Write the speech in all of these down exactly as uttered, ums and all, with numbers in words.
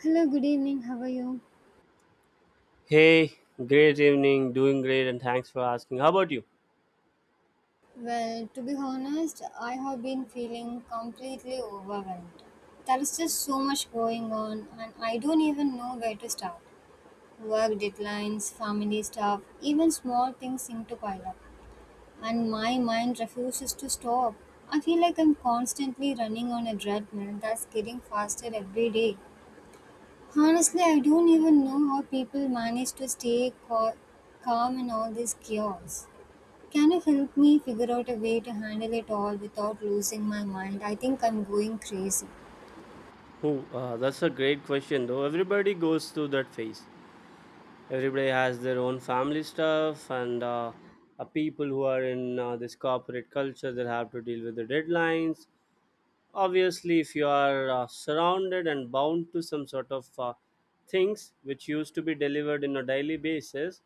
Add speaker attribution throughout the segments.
Speaker 1: Hello, good evening. How are you?
Speaker 2: Hey, great evening. Doing great, and thanks for asking. How about you?
Speaker 1: Well, to be honest, I have been feeling completely overwhelmed. There is just so much going on, and I don't even know where to start. Work deadlines, family stuff, even small things seem to pile up, and my mind refuses to stop. I feel like I'm constantly running on a treadmill that's getting faster every day. Honestly, I don't even know how people manage to stay cal- calm in all this chaos. Can you help me figure out a way to handle it all without losing my mind? I think I'm going crazy.
Speaker 2: Oh, uh, that's a great question, though. Everybody goes through that phase. Everybody has their own family stuff, and uh, uh, people who are in uh, this corporate culture that have to deal with the deadlines. Obviously, if you are uh, surrounded and bound to some sort of uh, things which used to be delivered in a daily basis,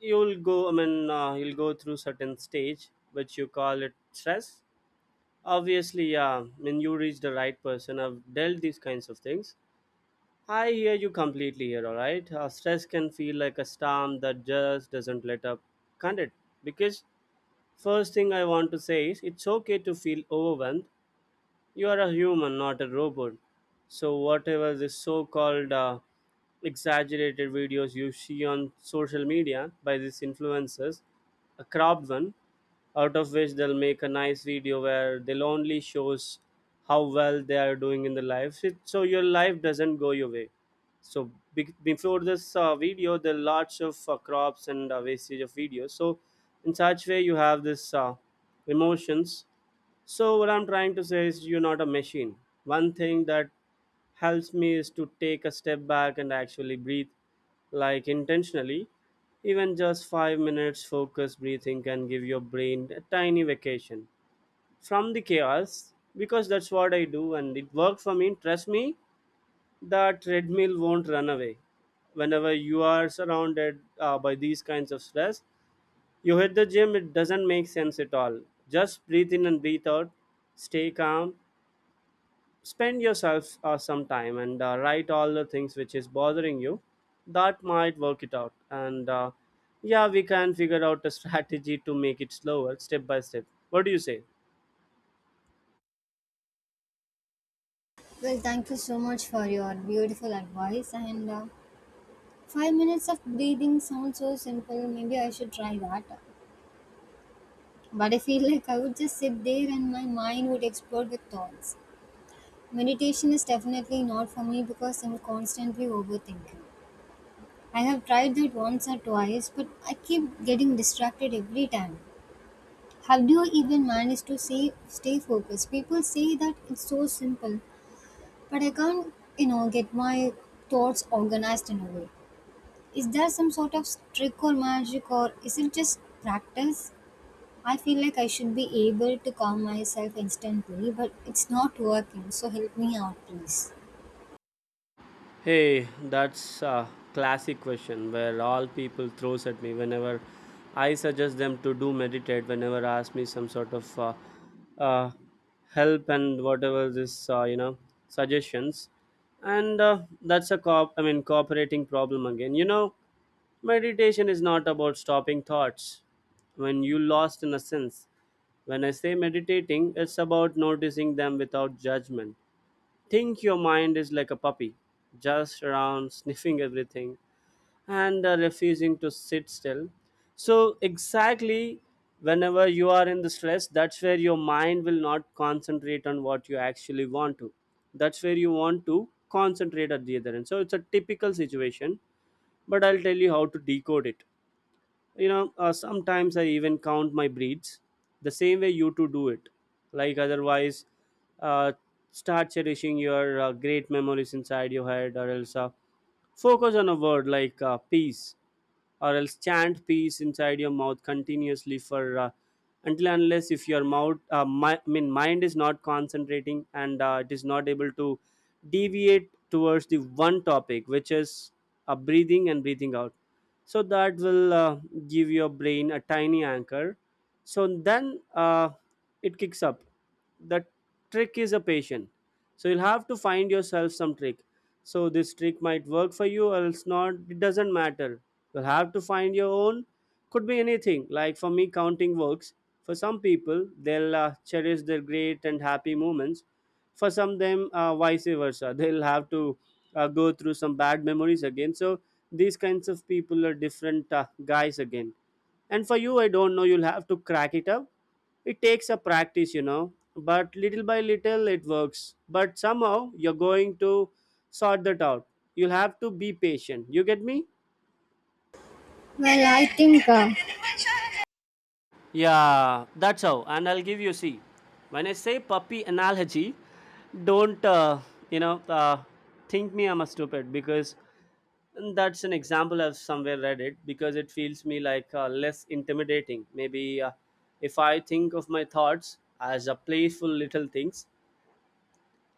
Speaker 2: you'll go. I mean, uh, you'll go through certain stage which you call it stress. Obviously, yeah, I mean, you reached the right person. I've dealt these kinds of things. I hear you completely here, all right? Uh, stress can feel like a storm that just doesn't let up, can't it? Because, first thing I want to say is it's okay to feel overwhelmed. You are a human, not a robot. So, whatever this so called uh, exaggerated videos you see on social media by these influencers, a cropped one out of which they'll make a nice video where they'll only shows how well they are doing in the life. It- so your life doesn't go your way, so be- before this uh, video there are lots of uh, crops and uh, wastage of videos, so in such way you have this uh, emotions. So what I'm trying to say is you're not a machine. One thing that helps me is to take a step back and actually breathe, like intentionally. Even just five minutes focused breathing can give your brain a tiny vacation from the chaos, because that's what I do and it worked for me. Trust me, the treadmill won't run away. Whenever you are surrounded uh, by these kinds of stress, you hit the gym, it doesn't make sense at all. Just breathe in and breathe out, stay calm, spend yourself uh, some time and uh, write all the things which is bothering you, that might work it out. And uh, yeah, we can figure out a strategy to make it slower step by step. What do you say?
Speaker 1: Well, thank you so much for your beautiful advice. And uh, Five minutes of breathing sounds so simple. Maybe I should try that. But I feel like I would just sit there and my mind would explode with thoughts. Meditation is definitely not for me because I'm constantly overthinking. I have tried that once or twice, but I keep getting distracted every time. How do you even manage to say, stay focused? People say that it's so simple, but I can't, you know, get my thoughts organized in a way. Is there some sort of trick or magic, or is it just practice? I feel like I should be able to calm myself instantly, but it's not working. So help me out, please.
Speaker 2: Hey, that's a classic question where all people throws at me whenever I suggest them to do meditate, whenever ask me some sort of uh, uh, help and whatever this uh, you know suggestions. And uh, that's a cop I mean cooperating problem again, you know. Meditation is not about stopping thoughts when you lost in a sense. When I say meditating, it's about noticing them without judgment. Think your mind is like a puppy, just around sniffing everything and uh, refusing to sit still. So, exactly, whenever you are in the stress, that's where your mind will not concentrate on what you actually want to. That's where you want to concentrate at the other end. So, it's a typical situation, but I'll tell you how to decode it. You know, uh, sometimes I even count my breeds the same way you two do it, like. Otherwise, uh, start cherishing your uh, great memories inside your head, or else uh, focus on a word like uh, peace, or else chant peace inside your mouth continuously for uh, until and unless if your mouth uh, mi- i mean mind is not concentrating and uh, it is not able to deviate towards the one topic which is uh, breathing and breathing out. So that will uh, give your brain a tiny anchor, so then uh, it kicks up the trick is a patient. So you'll have to find yourself some trick, so this trick might work for you or else not, it doesn't matter. You'll have to find your own, could be anything. Like for me, counting works. For some people, they'll uh, cherish their great and happy moments. For some them uh, vice versa, they'll have to uh, go through some bad memories again. So these kinds of people are different uh, guys again. And for you, I don't know, you'll have to crack it up. It takes a practice, you know, but little by little it works, but somehow you're going to sort that out. You'll have to be patient, you get me?
Speaker 1: Well, I think, uh,
Speaker 2: Yeah, that's how, and I'll give you, see, when I say puppy analogy, don't uh, you know uh, think me I'm a stupid, because and that's an example I've somewhere read it, because it feels me like uh, less intimidating. Maybe uh, if I think of my thoughts as a playful little things,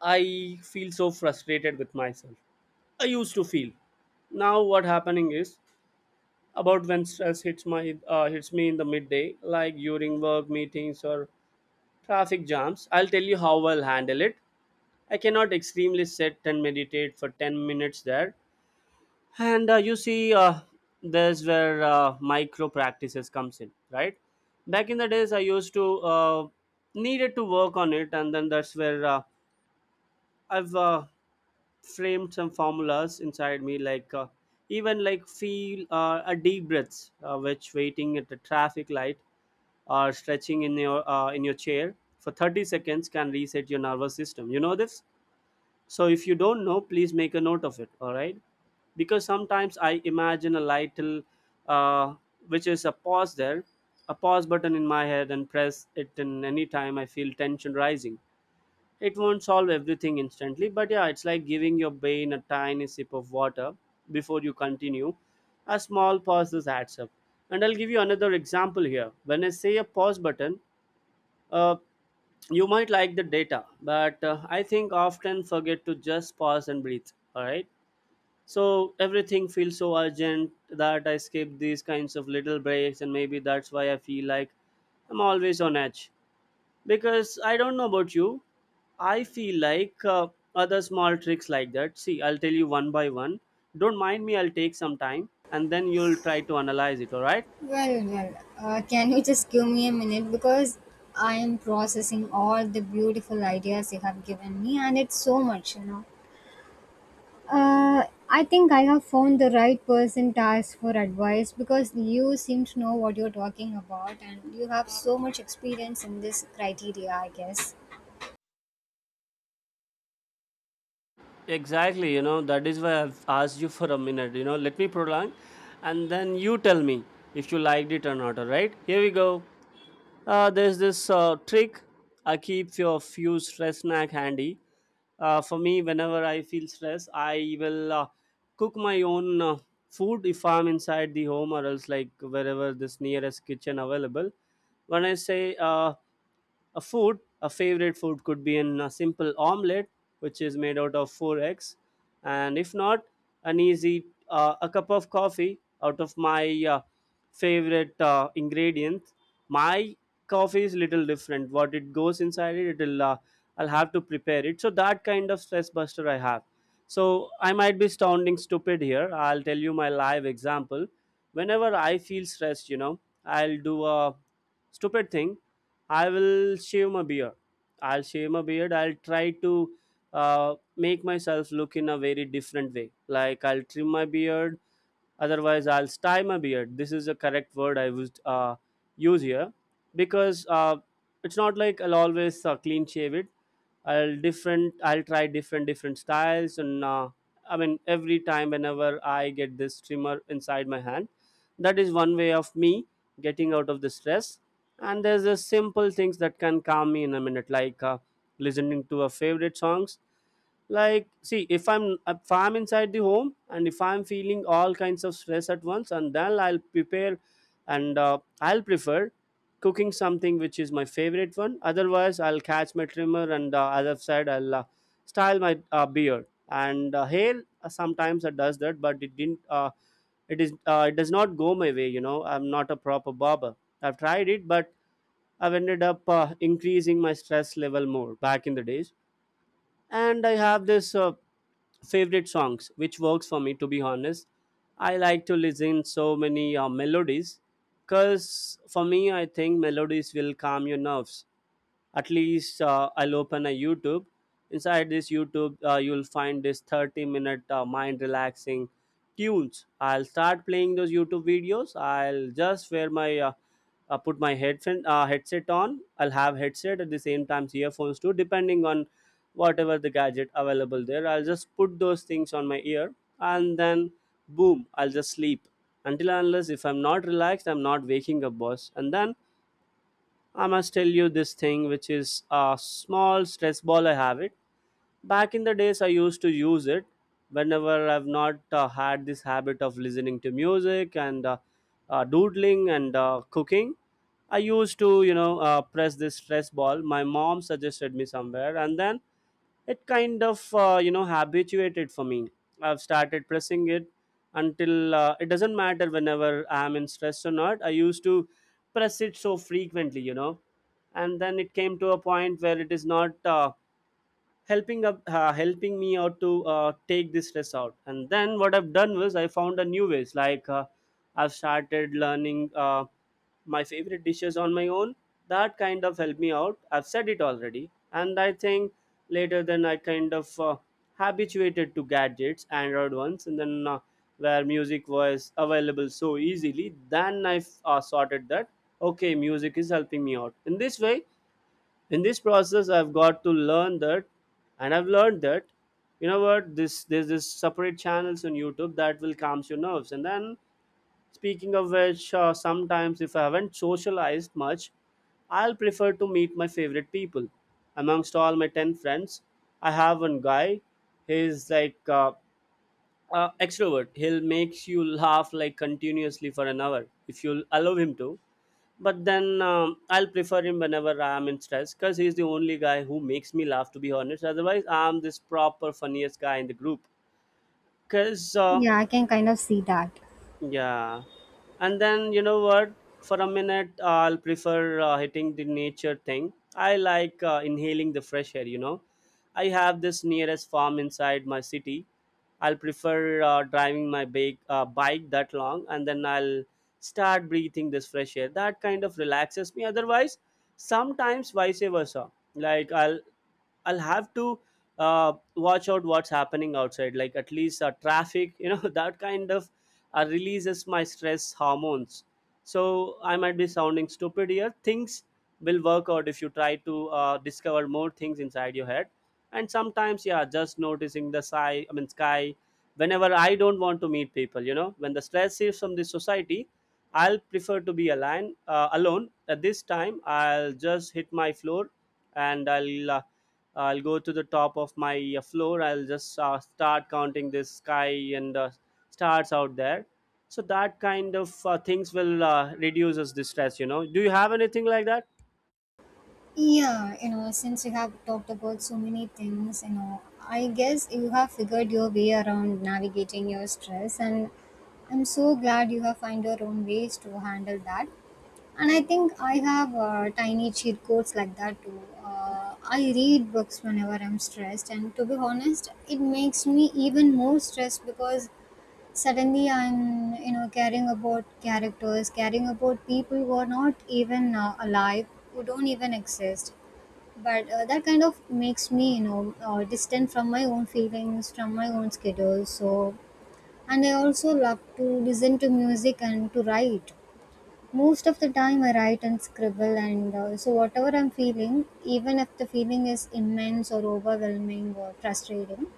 Speaker 2: I feel so frustrated with myself. I used to feel. Now what happening is about when stress hits my uh, hits me in the midday, like during work meetings or traffic jams. I'll tell you how I'll handle it. I cannot extremely sit and meditate for ten minutes there, and uh, you see uh, there's where uh, micro practices comes in, right? Back in the days, I used to uh, needed to work on it, and then that's where uh, I've uh, framed some formulas inside me, like uh, even like feel uh, a deep breaths uh, which waiting at the traffic light or stretching in your uh, in your chair for thirty seconds can reset your nervous system, you know this. So if you don't know, please make a note of it. All right? Because sometimes I imagine a little, uh, which is a pause there, a pause button in my head, and press it in any time I feel tension rising. It won't solve everything instantly, but yeah, it's like giving your brain a tiny sip of water before you continue. A small pause this adds up. And I'll give you another example here. When I say a pause button, uh, you might like the data, but uh, I think often forget to just pause and breathe, all right? So everything feels so urgent that I skip these kinds of little breaks, and maybe that's why I feel like I'm always on edge, because I don't know about you. I feel like uh, other small tricks like that, see, I'll tell you one by one. Don't mind me, I'll take some time, and then you'll try to analyze it, all right?
Speaker 1: well, well, uh, can you just give me a minute because I am processing all the beautiful ideas you have given me and it's so much, you know. Uh, I think I have found the right person to ask for advice because you seem to know what you're talking about and you have so much experience in this criteria, I guess.
Speaker 2: Exactly, you know, that is why I've asked you for a minute. You know, let me prolong and then you tell me if you liked it or not. All right, here we go. Uh, there's this uh, trick I keep for a few stress snack handy. Uh, for me, whenever I feel stress, I will uh, cook my own uh, food if I'm inside the home, or else like wherever this nearest kitchen available. When I say uh, a food, a favorite food could be in a simple omelette, which is made out of four eggs, and if not, an easy uh, a cup of coffee out of my uh, favorite uh, ingredient. My coffee is little different. What it goes inside it, it'll uh, I'll have to prepare it. So that kind of stress buster I have. So I might be sounding stupid here. I'll tell you my live example. Whenever I feel stressed, you know, I'll do a stupid thing, I will shave my beard. I'll shave my beard. I'll try to uh, make myself look in a very different way. Like, I'll trim my beard. Otherwise, I'll style my beard. This is the correct word I would uh, use here, because uh, it's not like I'll always uh, clean shave it. I'll different. I'll try different different styles, and uh, I mean, every time whenever I get this trimmer inside my hand, that is one way of me getting out of the stress. And there's a simple things that can calm me in a minute, like uh, listening to a favorite songs. Like, see, if i'm if i'm inside the home, and if I'm feeling all kinds of stress at once, and then I'll prepare, and uh, I'll prefer cooking something which is my favorite one. Otherwise, I'll catch my trimmer, and uh, have said, i'll uh, style my uh, beard and uh, hair. Uh, sometimes it does that, but it didn't uh, it is uh, it does not go my way, you know, I'm not a proper barber. I've tried it, but I've ended up uh, increasing my stress level more back in the days. And I have this uh, favorite songs which works for me, to be honest. I like to listen so many uh, melodies, because for me I think melodies will calm your nerves. At least uh, I'll open a YouTube, inside this YouTube uh, you'll find this thirty minute uh, mind relaxing tunes. I'll start playing those YouTube videos. I'll just wear my uh, uh, put my headset uh, headset on. I'll have headset at the same time earphones too, depending on whatever the gadget available there. I'll just put those things on my ear, and then boom, I'll just sleep until and unless if I'm not relaxed, I'm not waking up, boss. And then I must tell you this thing, which is a small stress ball. I have it back in the days I used to use it whenever I've not uh, had this habit of listening to music and uh, uh, doodling and uh, cooking. I used to you know uh, press this stress ball. My mom suggested me somewhere, and then it kind of uh, you know habituated for me. I've started pressing it until uh, it doesn't matter whenever I'm in stress or not, I used to press it so frequently, you know. And then it came to a point where it is not uh, helping up uh, helping me out to uh, take this stress out. And then what I've done was I found a new ways, like uh, I've started learning uh, my favorite dishes on my own. That kind of helped me out. I've said it already. And I think later then I kind of uh, habituated to gadgets, android ones, and then uh, where music was available so easily. Then I uh, sorted that. Okay, music is helping me out in this way. In this process I've got to learn that, and I've learned that. You know what, this there's this separate channels on YouTube that will calms your nerves. And then, speaking of which, uh, sometimes if I haven't socialized much, I'll prefer to meet my favorite people. Amongst all my ten friends, I have one guy. He's like uh, uh, extrovert. He'll makes you laugh like continuously for an hour if you'll allow him to. But then um, I'll prefer him whenever I am in stress, because he's the only guy who makes me laugh. To be honest, otherwise I'm this proper funniest guy in the group. Because uh,
Speaker 1: Yeah, I can kind of see that.
Speaker 2: Yeah, and then you know what? For a minute, I'll prefer uh, hitting the nature thing. I like uh, inhaling the fresh air. You know, I have this nearest farm inside my city. I'll prefer uh, driving my big uh, bike that long, and then I'll start breathing this fresh air. That kind of relaxes me. Otherwise, sometimes vice versa. Like I'll I'll have to uh, watch out what's happening outside, like at least uh, traffic, you know, that kind of uh, releases my stress hormones. So I might be sounding stupid here. Things will work out if you try to uh, discover more things inside your head. And sometimes, yeah, just noticing the sky, I mean, sky. Whenever I don't want to meet people, you know, when the stress is from the society, I'll prefer to be alone. Uh, alone at this time, I'll just hit my floor, and I'll uh, I'll go to the top of my uh, floor. I'll just uh, start counting this sky and uh, stars out there. So that kind of uh, things will uh, reduces the stress. You know, do you have anything like that?
Speaker 1: Yeah, you know, since you have talked about so many things, you know, I guess you have figured your way around navigating your stress, and I'm so glad you have found your own ways to handle that. And I think I have uh, tiny cheat codes like that too. Uh, I read books whenever I'm stressed, and to be honest, it makes me even more stressed because suddenly I'm, you know, caring about characters, caring about people who are not even uh, alive, who don't even exist. But uh, that kind of makes me, you know, uh, distant from my own feelings, from my own schedule. So, and I also love to listen to music and to write. Most of the time I write and scribble, and uh, so whatever I'm feeling, even if the feeling is immense or overwhelming or frustrating,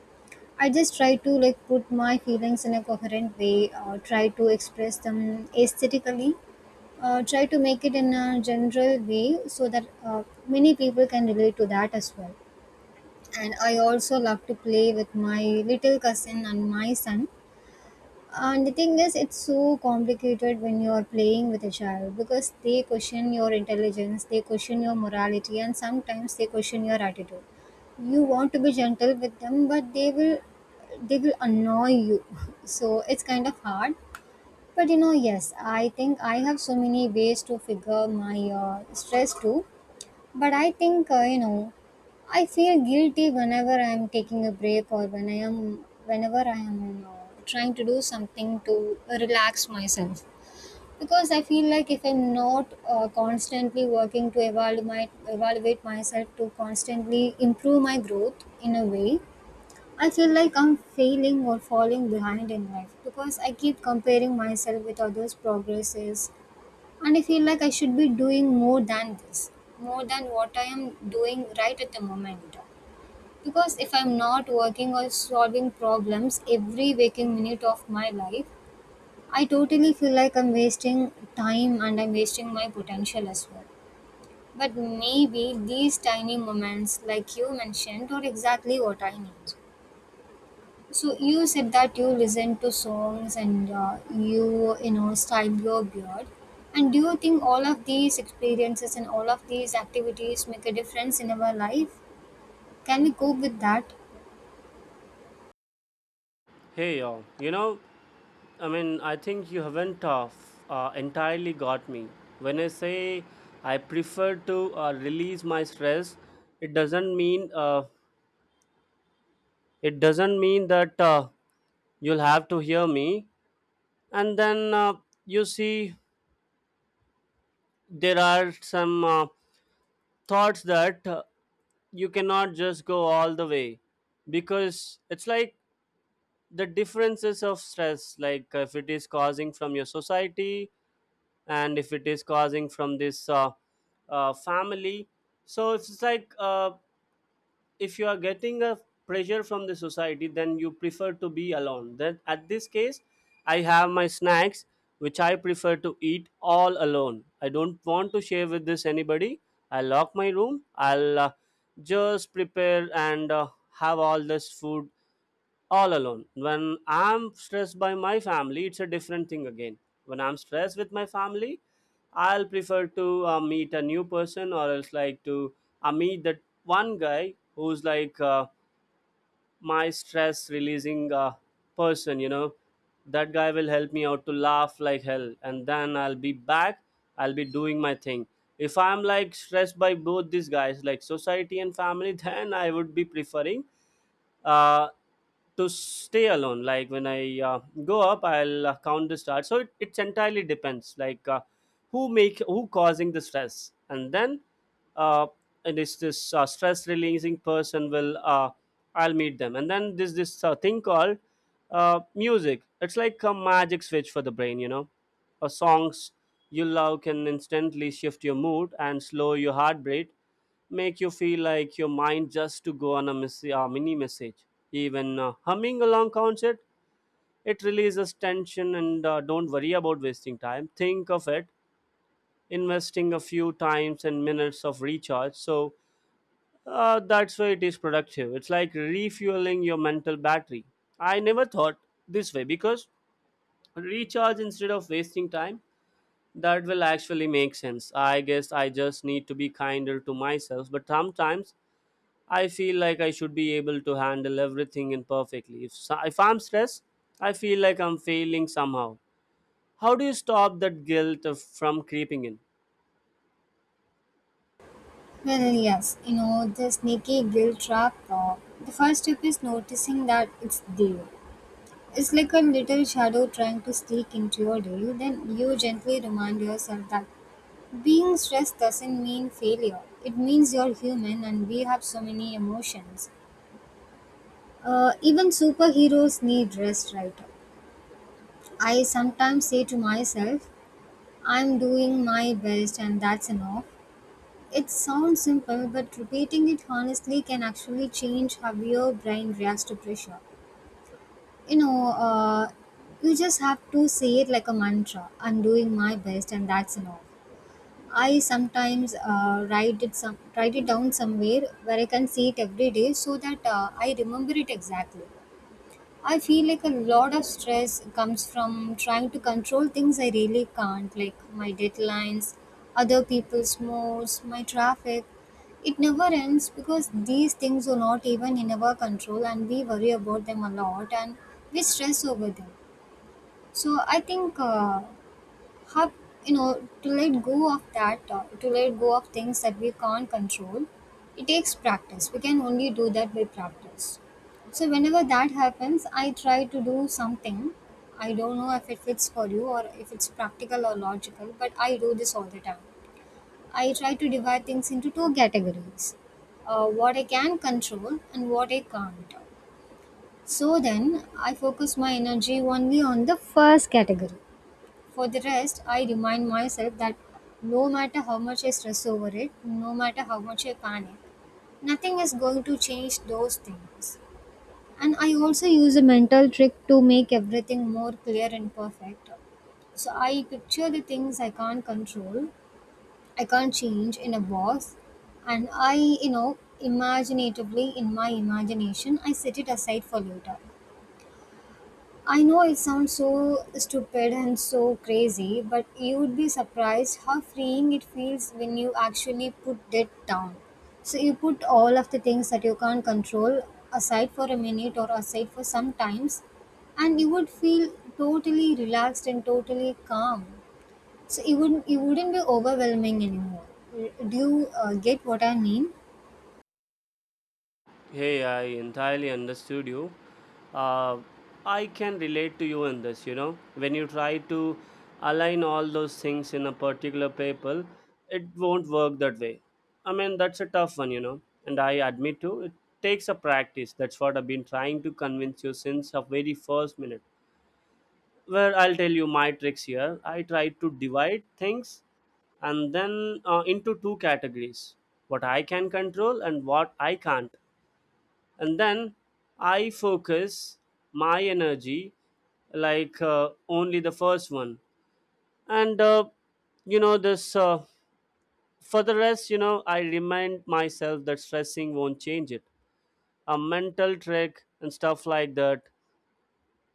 Speaker 1: I just try to like put my feelings in a coherent way, or try to express them aesthetically, uh, try to make it in a general way so that uh, many people can relate to that as well. And I also love to play with my little cousin and my son, and the thing is, it's so complicated when you're playing with a child because they question your intelligence, they question your morality, and sometimes they question your attitude. You want to be gentle with them, but they will they will annoy you. So it's kind of hard. But you know, yes, I think I have so many ways to figure my uh, stress too. But I think, uh, you know, I feel guilty whenever I am taking a break, or when I am, whenever I am uh, trying to do something to relax myself. Because I feel like if I'm not uh, constantly working to evaluate, my, evaluate myself to constantly improve my growth in a way, I feel like I'm failing or falling behind in life because I keep comparing myself with others' progresses, and I feel like I should be doing more than this, more than what I am doing right at the moment. Because if I'm not working or solving problems every waking minute of my life, I totally feel like I'm wasting time and I'm wasting my potential as well. But maybe these tiny moments like you mentioned are exactly what I need. So you said that you listen to songs, and uh, you you know style your beard. And do you think all of these experiences and all of these activities make a difference in our life? Can we cope with that?
Speaker 2: Hey, yo, you know, I mean, I think you haven't uh, f- uh, entirely got me. When I say I prefer to uh, release my stress, it doesn't mean uh, it doesn't mean that uh, you'll have to hear me. And then uh, You see, there are some uh, thoughts that uh, you cannot just go all the way, because it's like the differences of stress, like if it is causing from your society, and if it is causing from this uh, uh, family. So it's like, uh, if you are getting a pressure from the society, then you prefer to be alone. Then at this case, I have my snacks, which I prefer to eat all alone. I don't want to share with this anybody. I lock my room. I'll uh, just prepare and uh, have all this food all alone. When I'm stressed by my family, it's a different thing again. When I'm stressed with my family, I'll prefer to uh, meet a new person, or else like to uh, meet that one guy who's like uh, my stress releasing uh, person, you know. That guy will help me out to laugh like hell, and then I'll be back. I'll be doing my thing. If I'm like stressed by both these guys, like society and family, then I would be preferring uh, to stay alone. Like when I uh, go up, i'll uh, count the stars. So it, it's entirely depends, like uh, who make who causing the stress. and then uh, and this this uh, stress releasing person will uh, I'll meet them. And then this this uh, thing called uh, music. It's like a magic switch for the brain, you know. Uh, songs you love can instantly shift your mood and slow your heart rate, make you feel like your mind just to go on a miss- uh, mini message. Even uh, humming along concert, it releases tension, and uh, don't worry about wasting time. Think of it, investing a few times and minutes of recharge. So uh, that's why it is productive. It's like refueling your mental battery. I never thought this way, because recharge instead of wasting time, that will actually make sense. I guess I just need to be kinder to myself, but sometimes I feel like I should be able to handle everything imperfectly. If, so- if I'm stressed, I feel like I'm failing somehow. How do you stop that guilt of, from creeping in?
Speaker 1: Well, yes, you know, the sneaky guilt trap. Uh, the first step is noticing that it's there. It's like a little shadow trying to sneak into your day. Then you gently remind yourself that being stressed doesn't mean failure. It means you're human and we have so many emotions. Uh, even superheroes need rest, right? I sometimes say to myself, I'm doing my best and that's enough. It sounds simple, but repeating it honestly can actually change how your brain reacts to pressure. You know, uh, you just have to say it like a mantra: I'm doing my best and that's enough. I sometimes uh, write it some write it down somewhere where I can see it every day so that uh, I remember it exactly. I feel like a lot of stress comes from trying to control things I really can't, like my deadlines, other people's moods, my traffic. It never ends because these things are not even in our control and we worry about them a lot and we stress over them. So I think uh, how you know, to let go of that uh, to let go of things that we can't control, it takes practice. We can only do that by practice. So whenever that happens, I try to do something. I don't know if it fits for you or if it's practical or logical, but I do this all the time. I try to divide things into two categories: uh, what I can control and what I can't. So then I focus my energy only on the first category. For the rest, I remind myself that no matter how much I stress over it, no matter how much I panic, nothing is going to change those things. And I also use a mental trick to make everything more clear and perfect. So I picture the things I can't control, I can't change in a box, and I, you know, imaginatively in my imagination, I set it aside for later. I know it sounds so stupid and so crazy, but you would be surprised how freeing it feels when you actually put it down. So you put all of the things that you can't control aside for a minute or aside for some times, and you would feel totally relaxed and totally calm. So it wouldn't it wouldn't be overwhelming anymore. Do you uh, get what I mean?
Speaker 2: Hey, I entirely understood you. Uh, I can relate to you in this, you know. When you try to align all those things in a particular paper, it won't work that way. I mean, that's a tough one, you know. And I admit to it takes a practice. That's what I've been trying to convince you since the very first minute. Well, I'll tell you my tricks here. I try to divide things and then uh, into two categories: what I can control and what I can't. And then I focus my energy, like uh, only the first one. And uh, you know this uh, for the rest, you know, I remind myself that stressing won't change it. A mental trick and stuff like that.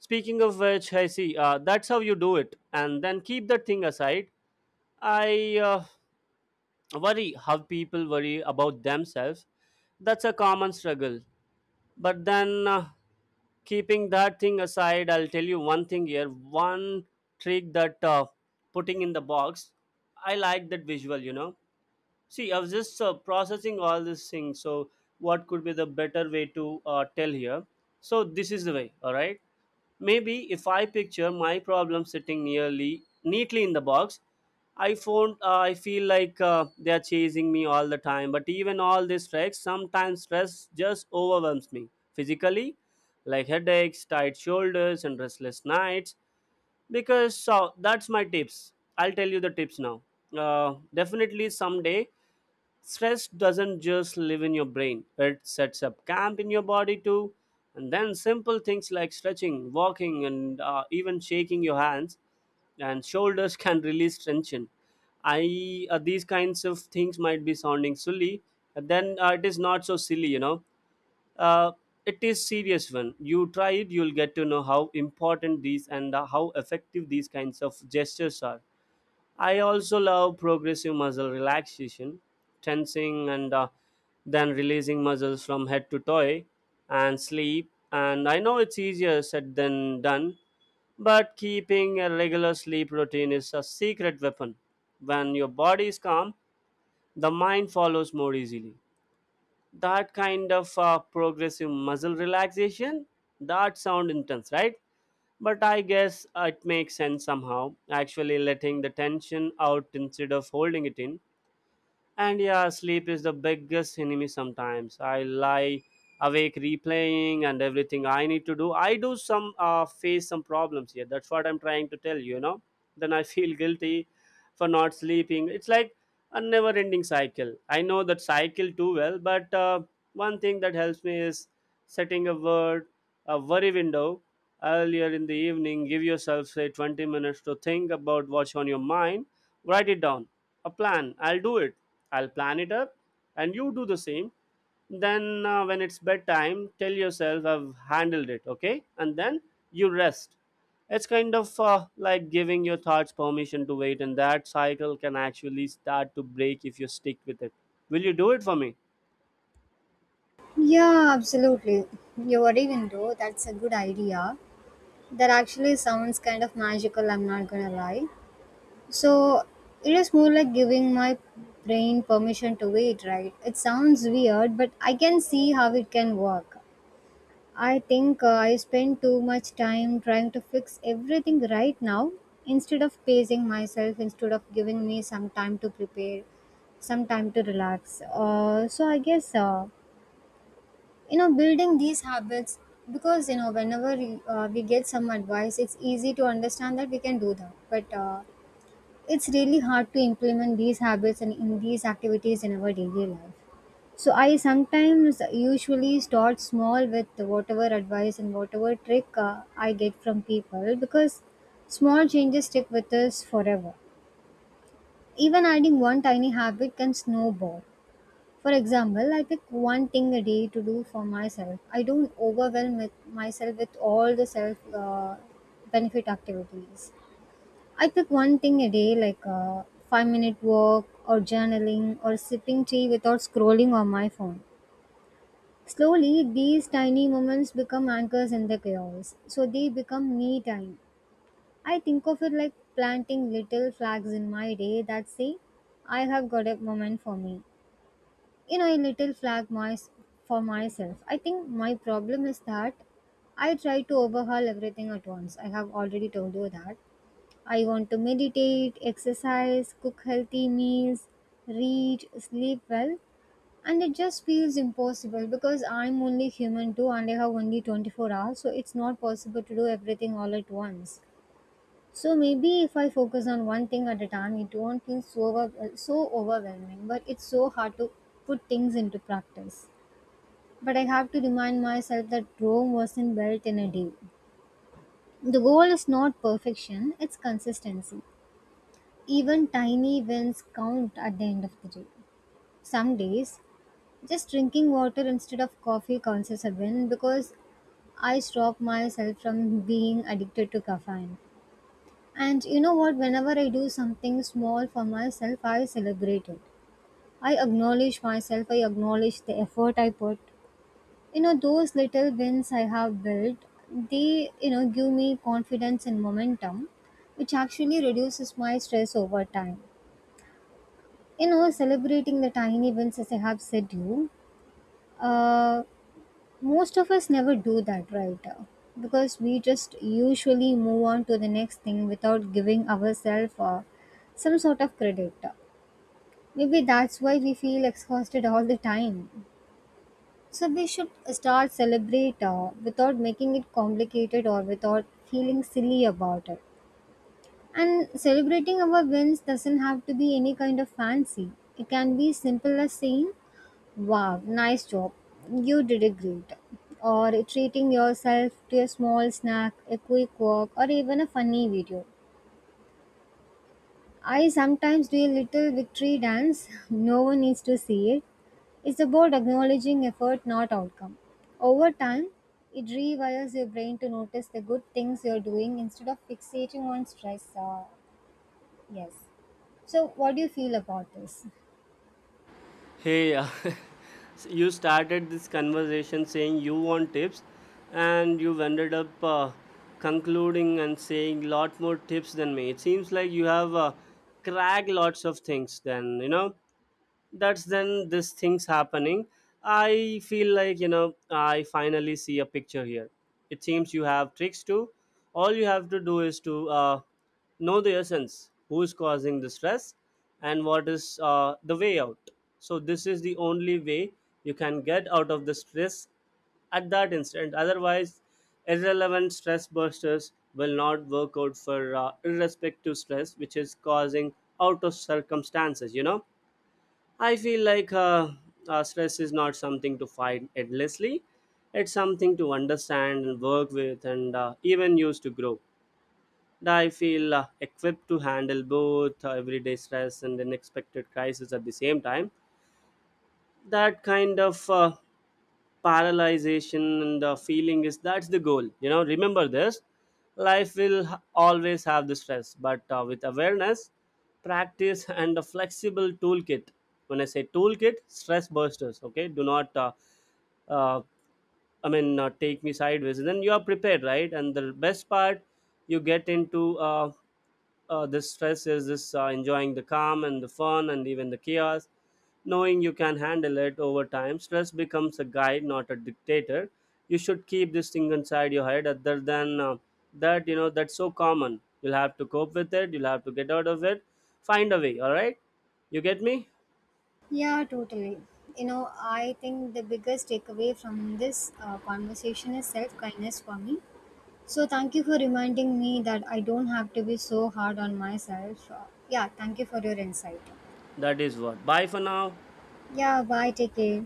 Speaker 2: Speaking of which, I see, uh, that's how you do it, and then keep that thing aside. I uh, worry how people worry about themselves. That's a common struggle. But then uh, keeping that thing aside, I'll tell you one thing here. One trick, that uh, putting in the box, I like that visual, you know. See, I was just uh, processing all these things. So, what could be the better way to uh, tell here? So, this is the way. All right. Maybe if I picture my problem sitting nearly neatly in the box, I found uh, I feel like uh, they are chasing me all the time. But even all this stress, sometimes stress just overwhelms me physically, like headaches, tight shoulders, and restless nights. Because so that's my tips. I'll tell you the tips now. Uh, definitely someday. Stress doesn't just live in your brain, it sets up camp in your body too. And then simple things like stretching, walking, and uh, even shaking your hands and shoulders can release tension. I uh, These kinds of things might be sounding silly, but then uh, it is not so silly, you know. Uh, it is serious. When you try it, you'll get to know how important these and uh, how effective these kinds of gestures are. I also love progressive muscle relaxation, tensing and uh, then releasing muscles from head to toe, and sleep. And I know it's easier said than done, but keeping a regular sleep routine is a secret weapon. When your body is calm, the mind follows more easily. That kind of uh, progressive muscle relaxation, that sound intense, right? But I guess uh, it makes sense somehow, actually letting the tension out instead of holding it in. And yeah, sleep is the biggest enemy sometimes. I lie awake replaying and everything I need to do. I do some uh, face some problems here. That's what I'm trying to tell you, you know. Then I feel guilty for not sleeping. It's like a never ending cycle. I know that cycle too well, but uh, one thing that helps me is setting a word, a worry window earlier in the evening. Give yourself, say, twenty minutes to think about what's on your mind. Write it down, a plan. I'll do it. I'll plan it up, and you do the same. Then, uh, when it's bedtime, tell yourself, I've handled it, okay? And then you rest. It's kind of uh, like giving your thoughts permission to wait, and that cycle can actually start to break if you stick with it. Will you do it for me?
Speaker 1: Yeah, absolutely. You're right, even though that's a good idea. That actually sounds kind of magical, I'm not gonna lie. So it is more like giving my brain permission to wait, right? It sounds weird, but I can see how it can work. I think uh, I spend too much time trying to fix everything right now instead of pacing myself, instead of giving me some time to prepare, some time to relax. Uh, so I guess. Uh, you know building these habits, because you know whenever we, uh, we get some advice, it's easy to understand that we can do that, but uh, it's really hard to implement these habits and in these activities in our daily life. So I sometimes usually start small with whatever advice and whatever trick uh, I get from people, because small changes stick with us forever. Even adding one tiny habit can snowball. For example, I pick one thing a day to do for myself. I don't overwhelm with myself with all the self uh, benefit activities. I pick one thing a day, like a five minute walk, or journaling, or sipping tea without scrolling on my phone. Slowly, these tiny moments become anchors in the chaos, so they become me time. I think of it like planting little flags in my day that say, I have got a moment for me. You know, a little flag my, for myself. I think my problem is that I try to overhaul everything at once. I have already told you that I want to meditate, exercise, cook healthy meals, read, sleep well, and it just feels impossible because I'm only human too, and I have only twenty-four hours, so it's not possible to do everything all at once. So maybe if I focus on one thing at a time, it won't feel so over, so overwhelming. But it's so hard to put things into practice. But I have to remind myself that Rome wasn't built in a day. The goal is not perfection; it's consistency. Even tiny wins count at the end of the day. Some days, just drinking water instead of coffee counts as a win because I stop myself from being addicted to caffeine. And you know what? Whenever I do something small for myself, I celebrate it. I acknowledge myself, I acknowledge the effort I put. You know, those little wins I have built, they, you know, give me confidence and momentum, which actually reduces my stress over time. You know, celebrating the tiny wins as I have said you, uh, most of us never do that, right? Uh, because we just usually move on to the next thing without giving ourselves uh, some sort of credit. Uh, maybe that's why we feel exhausted all the time. So we should start celebrate uh, without making it complicated or without feeling silly about it. And celebrating our wins doesn't have to be any kind of fancy. It can be simple as saying, Wow, nice job. You did a great. Job. Or treating yourself to a small snack, a quick walk, or even a funny video. I sometimes do a little victory dance. No one needs to see it. It's about acknowledging effort, not outcome. Over time, it rewires your brain to notice the good things you're doing instead of fixating on stress. Uh, yes. So, what do you feel about this?
Speaker 2: Hey, uh, you started this conversation saying you want tips, and you've ended up uh, concluding and saying lot more tips than me. It seems like you have uh, cracked lots of things. Then you know that's then this thing's happening. I feel like, you know, I finally see a picture here. It seems you have tricks too. All you have to do is to uh, know the essence, who is causing the stress and what is uh, the way out. So this is the only way you can get out of the stress at that instant. Otherwise, irrelevant stress bursters will not work out for uh, irrespective stress which is causing out of circumstances, you know. I feel like uh, uh, stress is not something to fight endlessly. It's something to understand and work with, and uh, even use to grow. And I feel uh, equipped to handle both uh, everyday stress and unexpected crisis at the same time. That kind of uh, paralyzation and the feeling is, that's the goal, you know. Remember this, life will h- always have the stress, but uh, with awareness, practice, and a flexible toolkit, when I say toolkit stress busters, okay, do not uh, uh, I mean, uh, take me sideways, and then you are prepared, right? And the best part, you get into uh, uh, this stress is this uh, enjoying the calm and the fun and even the chaos, knowing you can handle it. Over time, stress becomes a guide, not a dictator. You should keep this thing inside your head. Other than uh, that, you know, that's so common. You'll have to cope with it. You'll have to get out of it. Find a way. All right, you get me?
Speaker 1: Yeah, totally. You know, I think the biggest takeaway from this uh, conversation is self kindness for me. So, thank you for reminding me that I don't have to be so hard on myself. Uh, yeah, thank you for your insight.
Speaker 2: That is what. Bye for now.
Speaker 1: Yeah, bye. Take care.